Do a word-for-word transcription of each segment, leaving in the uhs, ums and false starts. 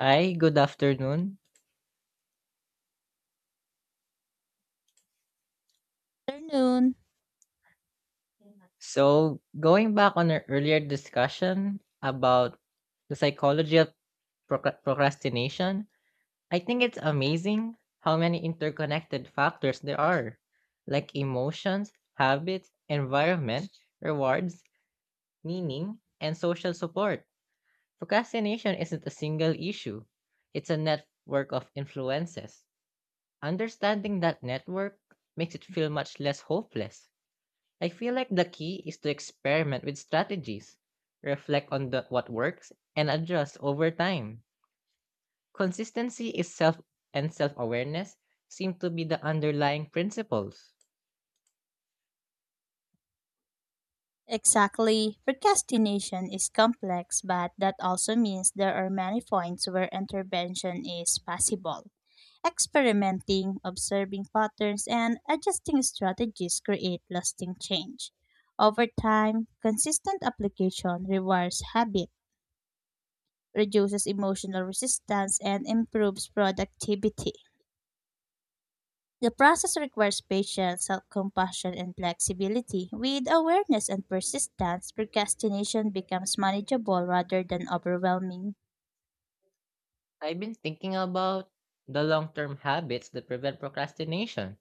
Hi, good afternoon. Afternoon. So, going back on our earlier discussion about the psychology of proc- procrastination, I think it's amazing how many interconnected factors there are, like emotions, habits, environment, rewards, meaning, and social support. Procrastination isn't a single issue, it's a network of influences. Understanding that network makes it feel much less hopeless. I feel like the key is to experiment with strategies, reflect on the, what works, and adjust over time. Consistency is self and self awareness seem to be the underlying principles. Exactly. Procrastination is complex, but that also means there are many points where intervention is possible. Experimenting, observing patterns, and adjusting strategies create lasting change. Over time, consistent application rewards habit, reduces emotional resistance, and improves productivity. The process requires patience, self compassion, and flexibility. With awareness and persistence, procrastination becomes manageable rather than overwhelming. I've been thinking about the long term habits that prevent procrastination.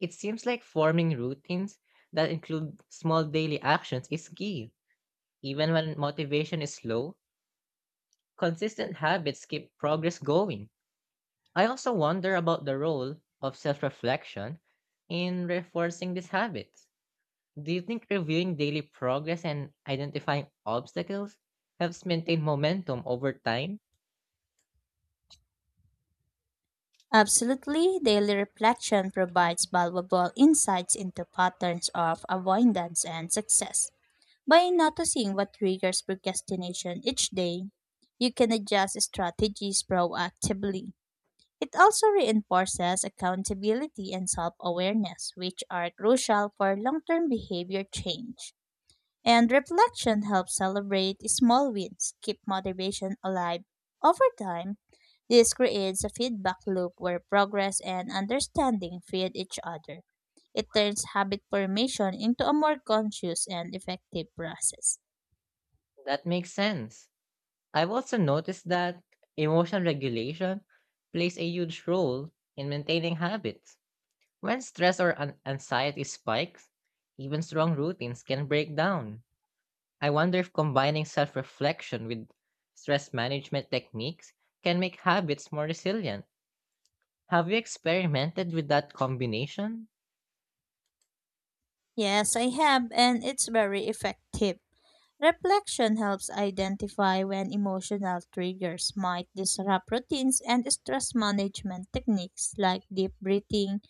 It seems like forming routines that include small daily actions is key. Even when motivation is low, consistent habits keep progress going. I also wonder about the role of self reflection in reinforcing these habits. Do you think reviewing daily progress and identifying obstacles helps maintain momentum over time? Absolutely, daily reflection provides valuable insights into patterns of avoidance and success. By noticing what triggers procrastination each day, you can adjust strategies proactively. It also reinforces accountability and self awareness, which are crucial for long term behavior change. And reflection helps celebrate small wins, keep motivation alive. Over time, this creates a feedback loop where progress and understanding feed each other. It turns habit formation into a more conscious and effective process. That makes sense. I've also noticed that emotion regulation plays a huge role in maintaining habits. When stress or an- anxiety spikes, even strong routines can break down. I wonder if combining self reflection with stress management techniques can make habits more resilient. Have you experimented with that combination? Yes, I have, and it's very effective. Reflection helps identify when emotional triggers might disrupt routines and stress management techniques like deep breathing,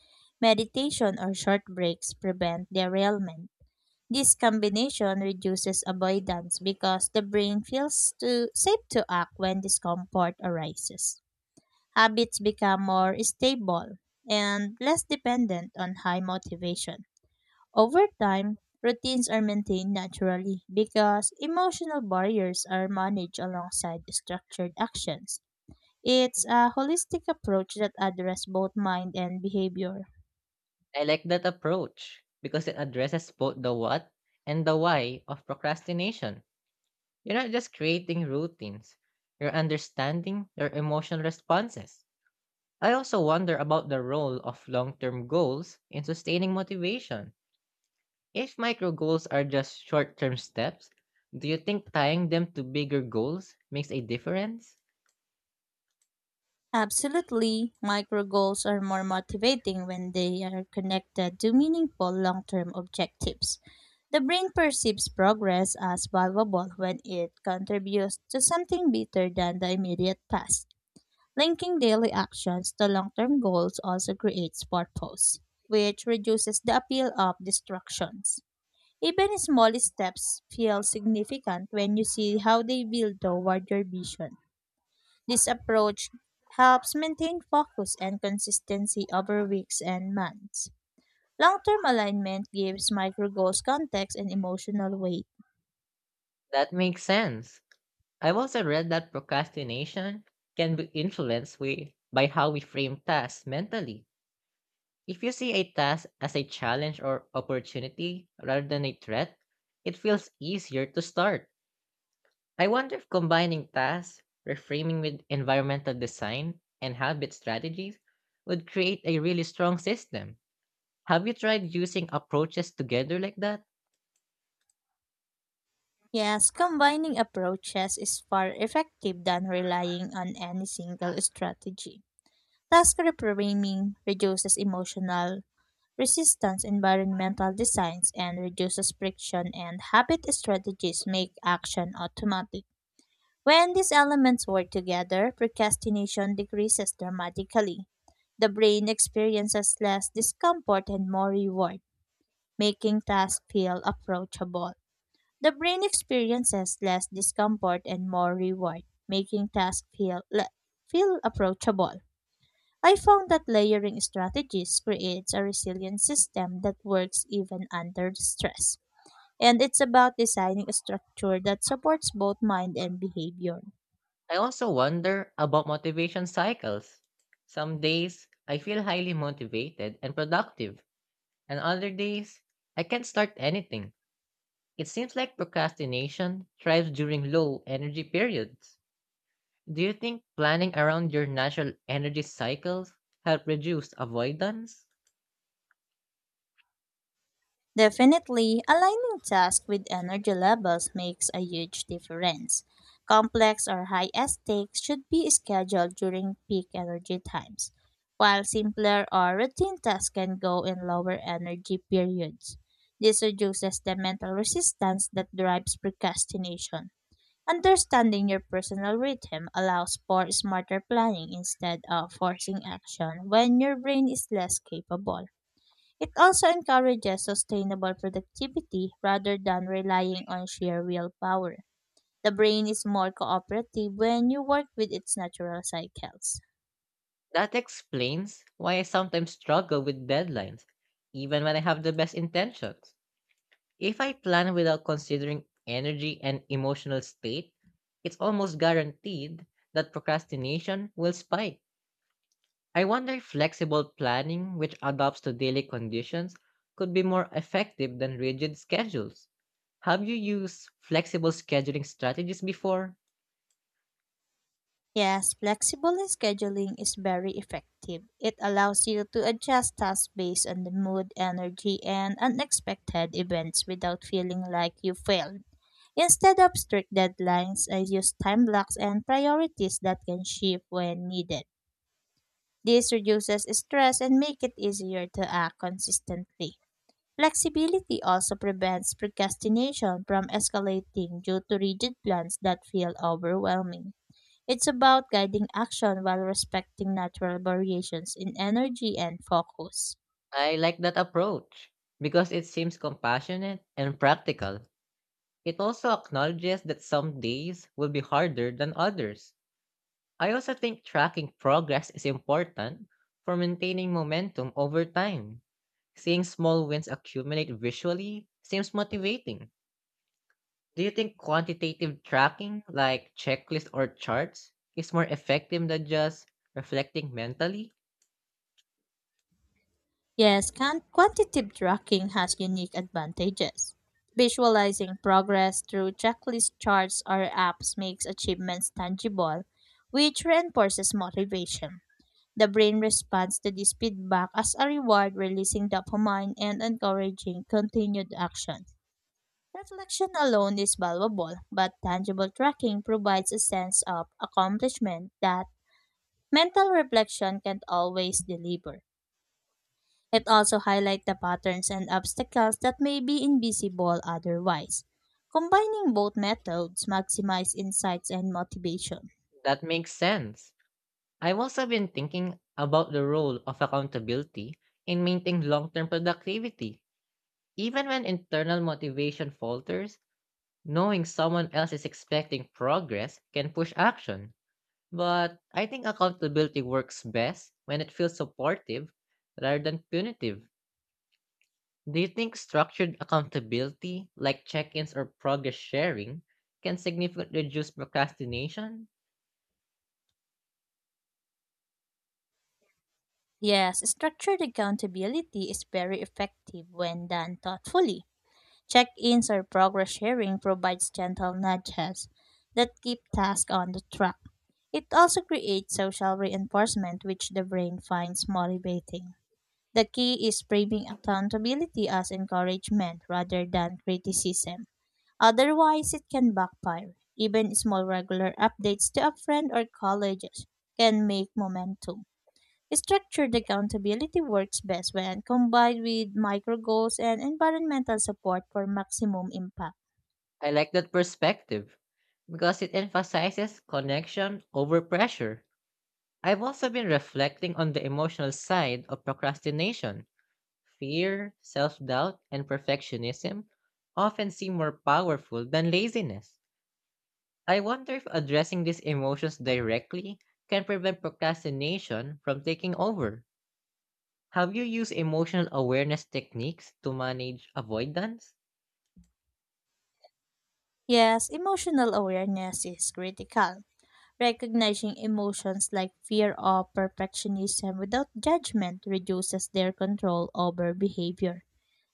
meditation, or short breaks prevent derailment. This combination reduces avoidance because the brain feels too safe to act when discomfort arises. Habits become more stable and less dependent on high motivation. Over time, routines are maintained naturally because emotional barriers are managed alongside structured actions. It's a holistic approach that addresses both mind and behavior. I like that approach because it addresses both the what and the why of procrastination. You're not just creating routines, you're understanding your emotional responses. I also wonder about the role of long term goals in sustaining motivation. If micro goals are just short term steps, do you think tying them to bigger goals makes a difference? Absolutely, micro goals are more motivating when they are connected to meaningful long term objectives. The brain perceives progress as valuable when it contributes to something better than the immediate past. Linking daily actions to long term goals also creates purpose, which reduces the appeal of distractions. Even small steps feel significant when you see how they build toward your vision. This approach helps maintain focus and consistency over weeks and months. Long term alignment gives micro goals context and emotional weight. That makes sense. I've also read that procrastination can be influenced we, by how we frame tasks mentally. If you see a task as a challenge or opportunity rather than a threat, it feels easier to start. I wonder if combining tasks, reframing with environmental design, and habit strategies would create a really strong system. Have you tried using approaches together like that? Yes, combining approaches is far effective than relying on any single strategy. Task reframing reduces emotional resistance environmental designs and reduces friction and habit strategies make action automatic. When these elements work together, procrastination decreases dramatically. The brain experiences less discomfort and more reward, making tasks feel approachable. The brain experiences less discomfort and more reward, making tasks feel, le- feel approachable. I found that layering strategies creates a resilient system that works even under stress. And it's about designing a structure that supports both mind and behavior. I also wonder about motivation cycles. Some days, I feel highly motivated and productive, and other days, I can't start anything. It seems like procrastination thrives during low energy periods. Do you think planning around your natural energy cycles help reduce avoidance? Definitely, aligning tasks with energy levels makes a huge difference. Complex or high stakes should be scheduled during peak energy times, while simpler or routine tasks can go in lower energy periods. This reduces the mental resistance that drives procrastination. Understanding your personal rhythm allows for smarter planning instead of forcing action when your brain is less capable. It also encourages sustainable productivity rather than relying on sheer willpower. The brain is more cooperative when you work with its natural cycles. That explains why I sometimes struggle with deadlines, even when I have the best intentions. If I plan without considering energy and emotional state, it's almost guaranteed that procrastination will spike. I wonder if flexible planning, which adapts to daily conditions, could be more effective than rigid schedules. Have you used flexible scheduling strategies before? Yes, flexible scheduling is very effective. It allows you to adjust tasks based on the mood, energy, and unexpected events without feeling like you failed. Instead of strict deadlines, I use time blocks and priorities that can shift when needed. This reduces stress and makes it easier to act consistently. Flexibility also prevents procrastination from escalating due to rigid plans that feel overwhelming. It's about guiding action while respecting natural variations in energy and focus. I like that approach because it seems compassionate and practical. It also acknowledges that some days will be harder than others. I also think tracking progress is important for maintaining momentum over time. Seeing small wins accumulate visually seems motivating. Do you think quantitative tracking, like checklists or charts, is more effective than just reflecting mentally? Yes, can- quantitative tracking has unique advantages. Visualizing progress through checklist charts or apps makes achievements tangible, which reinforces motivation. The brain responds to this feedback as a reward, releasing dopamine and encouraging continued action. Reflection alone is valuable, but tangible tracking provides a sense of accomplishment that mental reflection can't always deliver. It also highlights the patterns and obstacles that may be invisible otherwise. Combining both methods maximize insights and motivation. That makes sense. I've also been thinking about the role of accountability in maintaining long term productivity. Even when internal motivation falters, knowing someone else is expecting progress can push action, but I think accountability works best when it feels supportive rather than punitive. Do you think structured accountability, like check ins or progress sharing, can significantly reduce procrastination? Yes, structured accountability is very effective when done thoughtfully. Check ins or progress sharing provides gentle nudges that keep tasks on the track. It also creates social reinforcement, which the brain finds motivating. The key is framing accountability as encouragement rather than criticism. Otherwise, it can backfire. Even small regular updates to a friend or college can make momentum. Structured accountability works best when combined with micro goals and environmental support for maximum impact. I like that perspective because it emphasizes connection over pressure. I've also been reflecting on the emotional side of procrastination. Fear, self doubt, and perfectionism often seem more powerful than laziness. I wonder if addressing these emotions directly can prevent procrastination from taking over. Have you used emotional awareness techniques to manage avoidance? Yes, emotional awareness is critical. Recognizing emotions like fear or perfectionism without judgment reduces their control over behavior.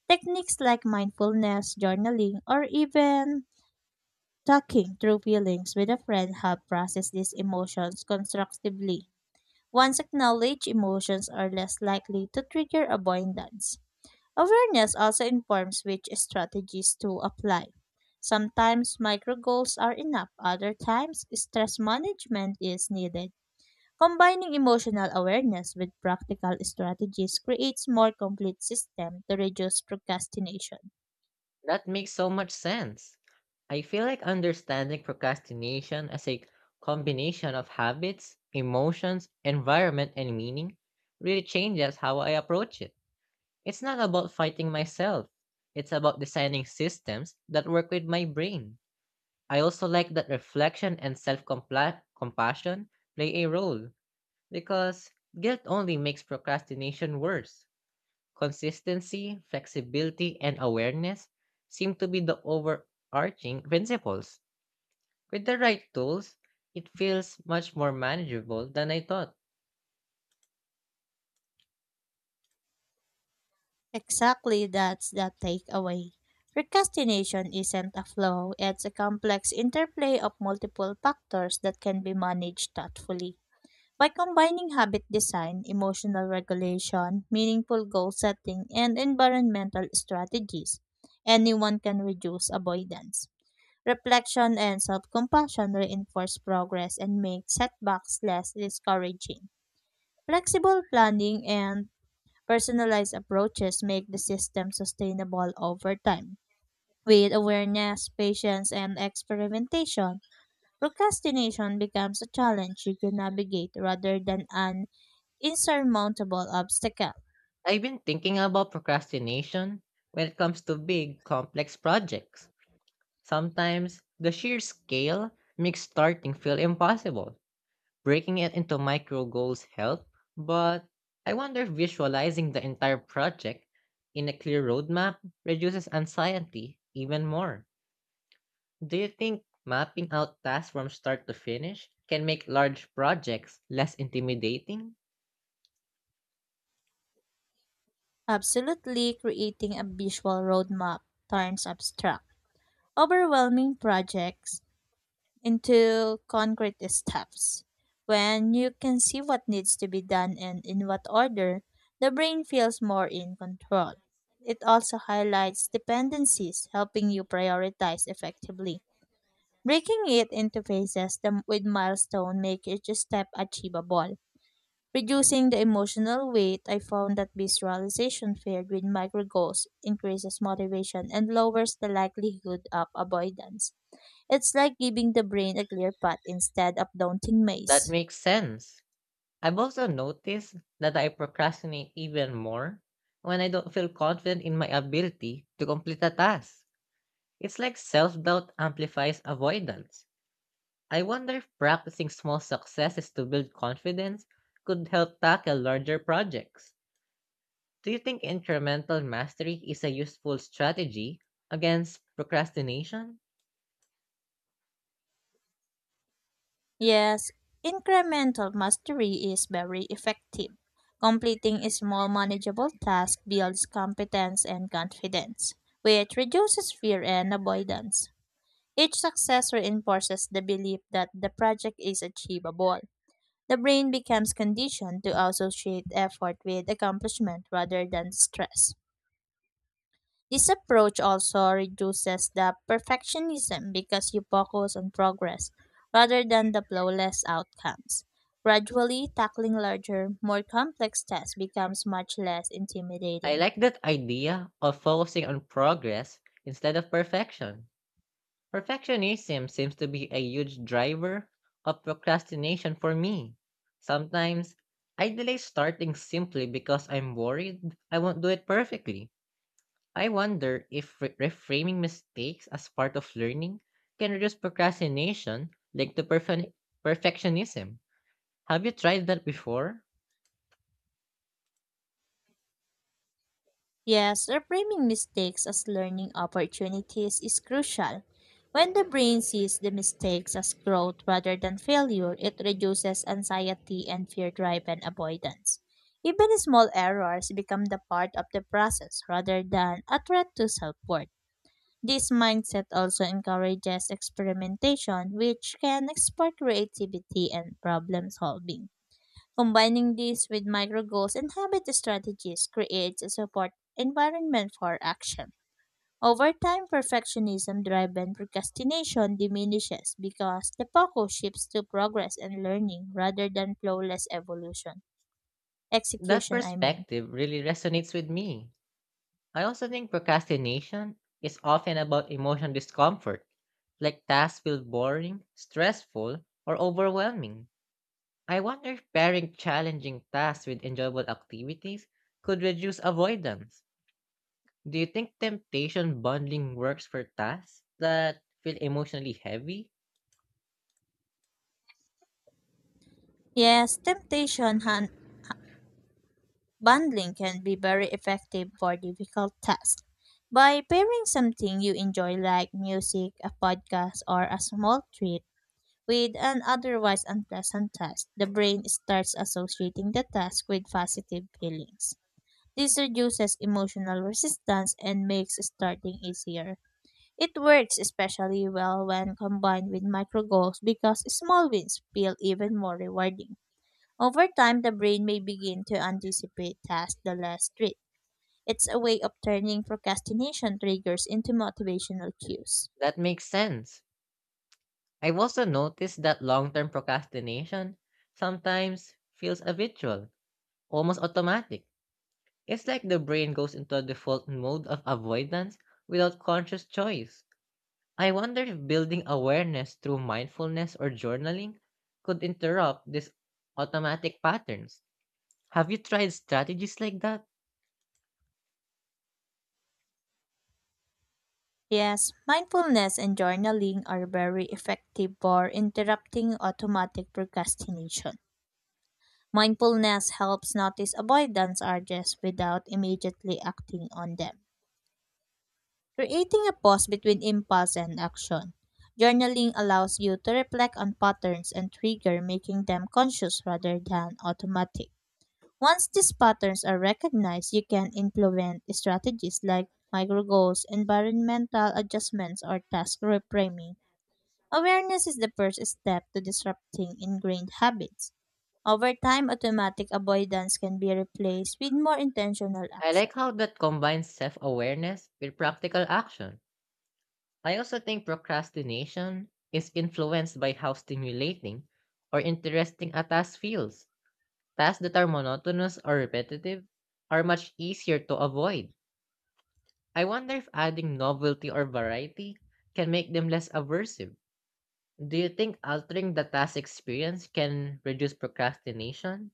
Techniques like mindfulness, journaling, or even talking through feelings with a friend help process these emotions constructively. Once acknowledged, emotions are less likely to trigger avoidance. Awareness also informs which strategies to apply. Sometimes micro goals are enough, other times stress management is needed. Combining emotional awareness with practical strategies creates more complete system to reduce procrastination. That makes so much sense. I feel like understanding procrastination as a combination of habits, emotions, environment, and meaning really changes how I approach it. It's not about fighting myself. It's about designing systems that work with my brain. I also like that reflection and self-compassion play a role because guilt only makes procrastination worse. Consistency, flexibility, and awareness seem to be the overarching principles. With the right tools, it feels much more manageable than I thought. Exactly, that's the takeaway. Procrastination isn't a flaw, it's a complex interplay of multiple factors that can be managed thoughtfully. By combining habit design, emotional regulation, meaningful goal setting, and environmental strategies, anyone can reduce avoidance. Reflection and self compassion reinforce progress and make setbacks less discouraging. Flexible planning and personalized approaches make the system sustainable over time. With awareness, patience, and experimentation, procrastination becomes a challenge you can navigate rather than an insurmountable obstacle. I've been thinking about procrastination when it comes to big, complex projects. Sometimes the sheer scale makes starting feel impossible. Breaking it into micro goals help, but I wonder if visualizing the entire project in a clear roadmap reduces anxiety even more. Do you think mapping out tasks from start to finish can make large projects less intimidating? Absolutely, creating a visual roadmap turns abstract, overwhelming projects into concrete steps. When you can see what needs to be done and in what order, the brain feels more in control. It also highlights dependencies, helping you prioritize effectively. Breaking it into phases the- with milestone make each step achievable. Reducing the emotional weight, I found that visualization paired with micro goals increases motivation and lowers the likelihood of avoidance. It's like giving the brain a clear path instead of daunting That maze. makes sense. I've also noticed that I procrastinate even more when I don't feel confident in my ability to complete a task. It's like self doubt amplifies avoidance. I wonder if practicing small successes to build confidence could help tackle larger projects. Do you think incremental mastery is a useful strategy against procrastination? Yes, incremental mastery is very effective. Completing a small manageable task builds competence and confidence, which reduces fear and avoidance. Each success reinforces the belief that the project is achievable. The brain becomes conditioned to associate effort with accomplishment rather than stress. This approach also reduces the perfectionism because you focus on progress rather than the flawless outcomes. Gradually, tackling larger, more complex tasks becomes much less I intimidating. like that idea of focusing on progress instead of perfection. Perfectionism seems to be a huge driver of procrastination for me. Sometimes I delay starting simply because I'm worried I won't do it perfectly. I wonder if re- reframing mistakes as part of learning can reduce procrastination linked to perfe- perfectionism. Have you tried that before? Yes, reframing mistakes as learning opportunities is crucial. When the brain sees the mistakes as growth rather than failure, it reduces anxiety and fear driven avoidance. Even small errors become the part of the process rather than a threat to self worth. This mindset also encourages experimentation, which can spark creativity and problem solving. Combining this with micro goals and habit strategies creates a support environment for action. Over time, perfectionism driven procrastination diminishes because the focus shifts to progress and learning rather than flawless evolution. That Execution, I mean. perspective really resonates with me. I also think procrastination is often about emotional discomfort, like tasks feel boring, stressful, or overwhelming. I wonder if pairing challenging tasks with enjoyable activities could reduce avoidance. Do you think temptation bundling works for tasks that feel emotionally heavy? Yes, temptation han- bundling can be very effective for difficult tasks. By pairing something you enjoy, like music, a podcast, or a small treat, with an otherwise unpleasant task, the brain starts associating the task with positive feelings. This reduces emotional resistance and makes starting easier. It works especially well when combined with micro goals because small wins feel even more rewarding. Over time, the brain may begin to anticipate tasks the less strict. It's a way of turning procrastination triggers into motivational cues. That makes sense. I've also noticed that long term procrastination sometimes feels habitual, almost automatic. It's like the brain goes into a default mode of avoidance without conscious choice. I wonder if building awareness through mindfulness or journaling could interrupt these automatic patterns. Have you tried strategies like that? Yes, mindfulness and journaling are very effective for interrupting automatic procrastination. Mindfulness helps notice avoidance urges without immediately acting on them, creating a pause between impulse and action. Journaling allows you to reflect on patterns and trigger, making them conscious rather than automatic. Once these patterns are recognized, you can implement strategies like micro goals, environmental adjustments, or task reframing. Awareness is the first step to disrupting ingrained habits. Over time, automatic avoidance can be replaced with more intentional I action. like how that combines self awareness with practical action. I also think procrastination is influenced by how stimulating or interesting a task feels. Tasks that are monotonous or repetitive are much easier to avoid. I wonder if adding novelty or variety can make them less aversive. Do you think altering the task experience can reduce procrastination?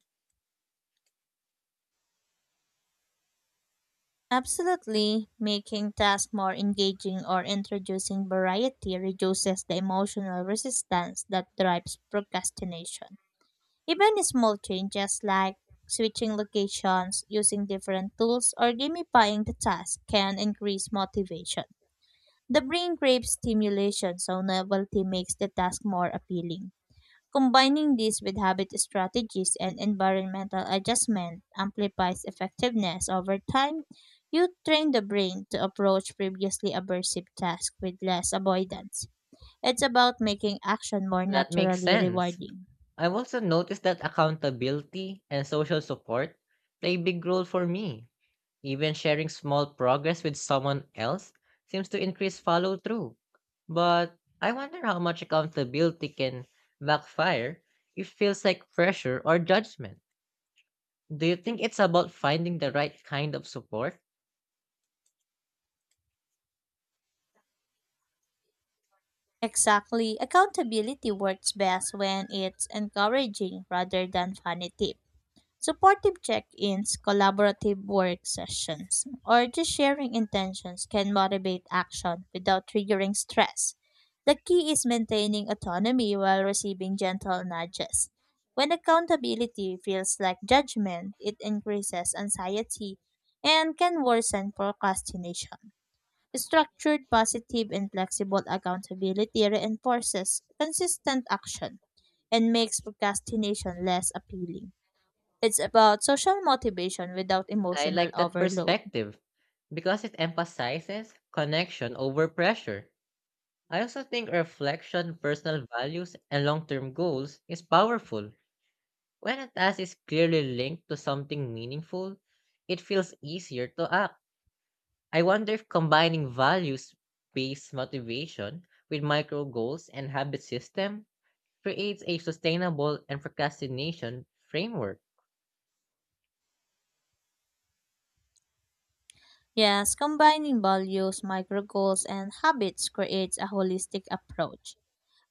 Absolutely, making tasks more engaging or introducing variety reduces the emotional resistance that drives procrastination. Even small changes like switching locations, using different tools, or gamifying the task can increase motivation. The brain craves stimulation, so novelty makes the task more appealing. Combining this with habit strategies and environmental adjustment amplifies effectiveness over time. You train the brain to approach previously aversive tasks with less avoidance. It's about making action more That makes naturally sense. rewarding. I've also noticed that accountability and social support play a big role for me. Even sharing small progress with someone else seems to increase follow through. But I wonder how much accountability can backfire if it feels like pressure or judgment. Do you think it's about finding the right kind of support? Exactly. Accountability works best when it's encouraging rather than punitive. Supportive check ins, collaborative work sessions, or just sharing intentions can motivate action without triggering stress. The key is maintaining autonomy while receiving gentle nudges. When accountability feels like judgment, it increases anxiety and can worsen procrastination. Structured, positive, and flexible accountability reinforces consistent action and makes procrastination less appealing. It's about social motivation without I emotional like that overload. perspective because it emphasizes connection over pressure. I also think reflection, personal values, and long term goals is powerful. When a task is clearly linked to something meaningful, it feels easier to act. I wonder if combining values based motivation with micro goals and habit system creates a sustainable and procrastination framework. Yes, combining values, micro goals, and habits creates a holistic approach.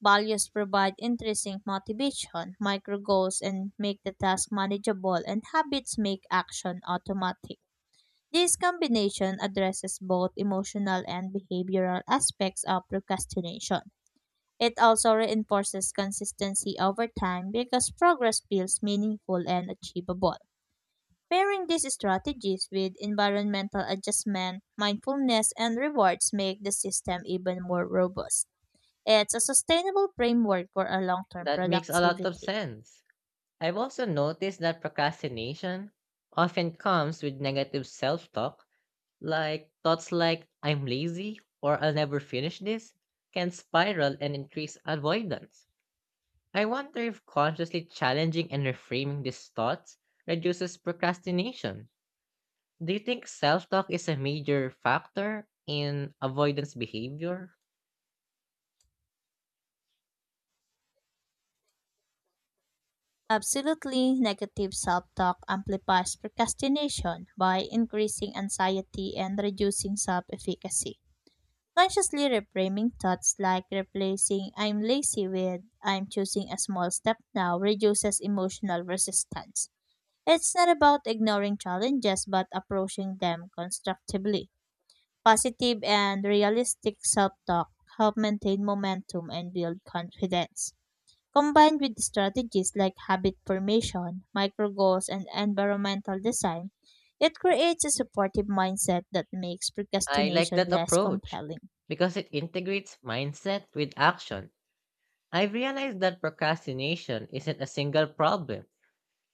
Values provide intrinsic motivation, micro goals, and make the task manageable, and habits make action automatic. This combination addresses both emotional and behavioral aspects of procrastination. It also reinforces consistency over time because progress feels meaningful and achievable. Pairing these strategies with environmental adjustment, mindfulness, and rewards make the system even more robust. It's a sustainable framework for a long term That makes a lot of productivity. sense. I've also noticed that procrastination often comes with negative self talk, like thoughts like, I'm lazy or I'll never finish this, can spiral and increase avoidance. I wonder if consciously challenging and reframing these thoughts reduces procrastination. Do you think self talk is a major factor in avoidance behavior? Absolutely, negative self talk amplifies procrastination by increasing anxiety and reducing self efficacy. Consciously reframing thoughts like replacing I'm lazy with I'm choosing a small step now reduces emotional resistance. It's not about ignoring challenges, but approaching them constructively. Positive and realistic self talk help maintain momentum and build confidence. Combined with strategies like habit formation, micro goals, and environmental design, it creates a supportive mindset that makes I like procrastination that less approach compelling. because it integrates mindset with action. I've realized that procrastination isn't a single problem.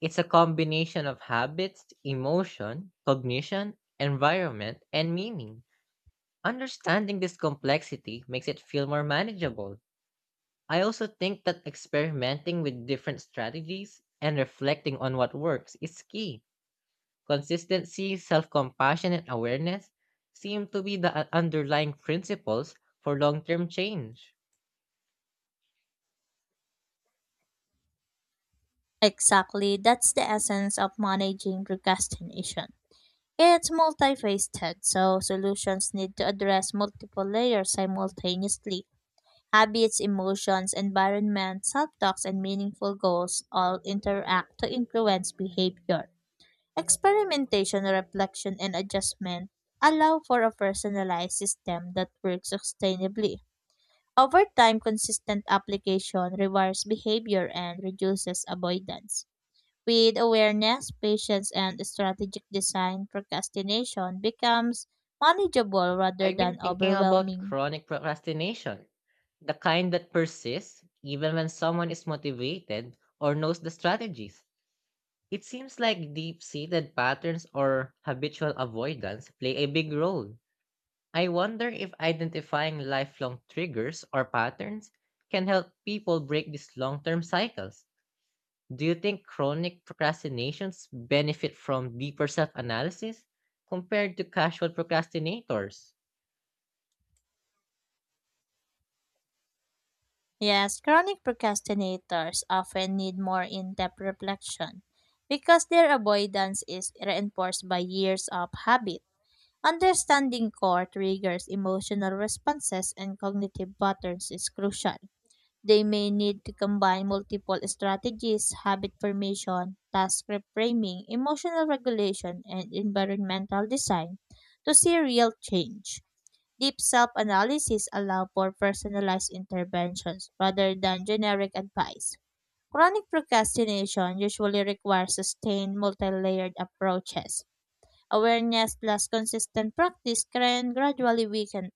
It's a combination of habits, emotion, cognition, environment, and meaning. Understanding this complexity makes it feel more manageable. I also think that experimenting with different strategies and reflecting on what works is key. Consistency, self compassion, and awareness seem to be the uh, underlying principles for long term change. Exactly, that's the essence of managing procrastination. It's multifaceted, so solutions need to address multiple layers simultaneously. Habits, emotions, environment, self talks, and meaningful goals all interact to influence behavior. Experimentation, reflection, and adjustment allow for a personalized system that works sustainably. Over time, consistent application rewards behavior and reduces avoidance. With awareness, patience, and strategic design, procrastination becomes manageable rather I've been than thinking about overwhelming. chronic procrastination, the kind that persists even when someone is motivated or knows the strategies. It seems like deep seated patterns or habitual avoidance play a big role. I wonder if identifying lifelong triggers or patterns can help people break these long term cycles. Do you think chronic procrastinations benefit from deeper self analysis compared to casual procrastinators? Yes, chronic procrastinators often need more in depth reflection because their avoidance is reinforced by years of habit. Understanding core triggers, emotional responses, and cognitive patterns is crucial. They may need to combine multiple strategies, habit formation, task reframing, emotional regulation, and environmental design to see real change. Deep self-analysis allow for personalized interventions rather than generic advice. Chronic procrastination usually requires sustained multi-layered approaches. Awareness plus consistent practice can gradually weaken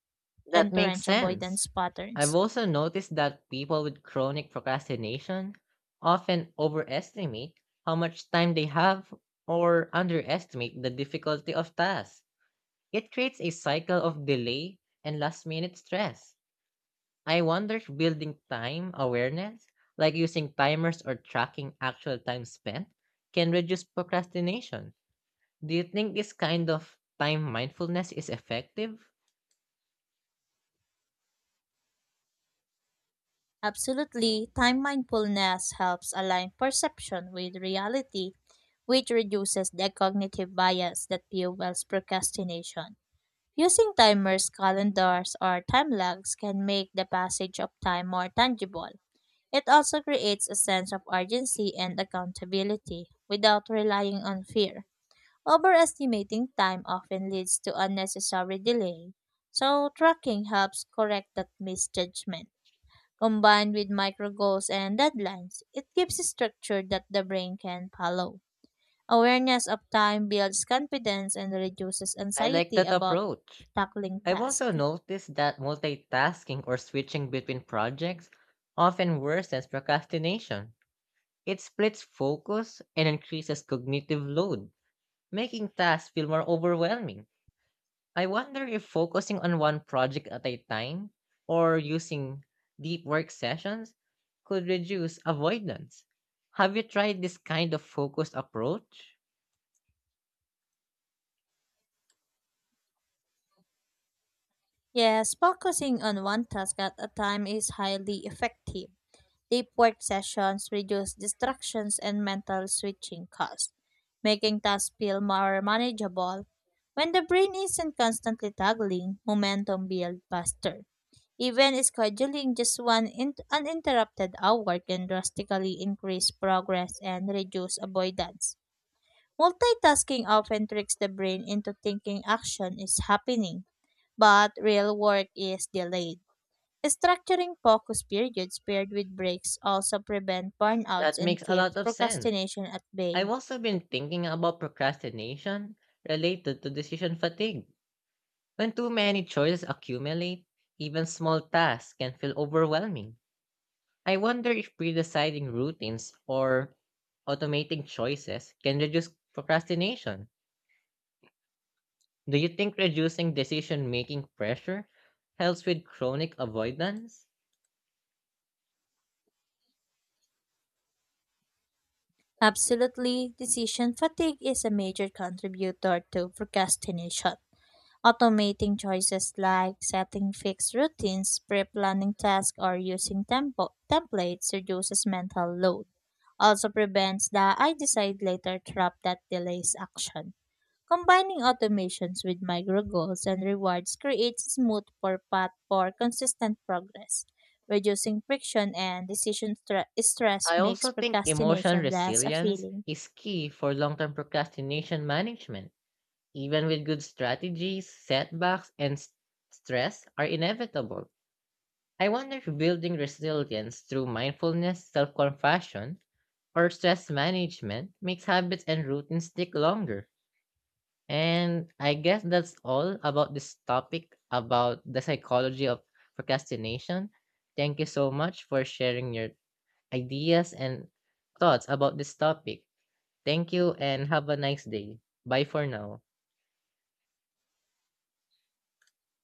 That makes entrenched avoidance sense. I've patterns. also noticed that people with chronic procrastination often overestimate how much time they have or underestimate the difficulty of tasks. It creates a cycle of delay and last minute stress. I wonder if building time awareness, like using timers or tracking actual time spent, can reduce procrastination. Do you think this kind of time mindfulness is effective? Absolutely, time mindfulness helps align perception with reality, which reduces the cognitive bias that fuels procrastination. Using timers, calendars, or time logs can make the passage of time more tangible. It also creates a sense of urgency and accountability without relying on fear. Overestimating time often leads to unnecessary delay, so tracking helps correct that misjudgment combined with micro goals and deadlines. It gives a structure that the brain can follow. Awareness of time builds confidence and reduces I like anxiety that about approach. tackling I've tasks. also noticed that multitasking or switching between projects often worsens procrastination. It splits focus and increases cognitive load, making tasks feel more overwhelming. I wonder if focusing on one project at a time or using deep work sessions could reduce avoidance. Have you tried this kind of focused approach? Yes, focusing on one task at a time is highly effective. Deep work sessions reduce distractions and mental switching costs, making tasks feel more manageable. When the brain isn't constantly toggling, momentum builds faster. Even scheduling just one in- uninterrupted hour can drastically increase progress and reduce avoidance. Multitasking often tricks the brain into thinking action is happening, but real work is delayed. Structuring focus periods paired with breaks also prevent burnouts That and makes a keep lot of sense. procrastination at I've bay. also been thinking about procrastination related to decision fatigue. When too many choices accumulate, even small tasks can feel overwhelming. I wonder if pre-deciding routines or automating choices can reduce procrastination. Do you think reducing decision-making pressure helps with chronic avoidance? Absolutely, decision fatigue is a major contributor to procrastination. Automating choices like setting fixed routines, pre planning tasks, or using tempo- templates reduces mental load. Also prevents the I decide later trap that delays action. Combining automations with micro goals and rewards creates a smooth for path for consistent progress. Reducing friction and decision stra- stress I makes also think emotional procrastination less a resilience feeling. is key for long-term procrastination management. Even with good strategies, setbacks and s- stress are inevitable. I wonder if building resilience through mindfulness, self compassion, or stress management makes habits and routines stick longer. And I guess that's all about this topic about the psychology of procrastination. Thank you so much for sharing your ideas and thoughts about this topic. Thank you and have a nice day. Bye for now.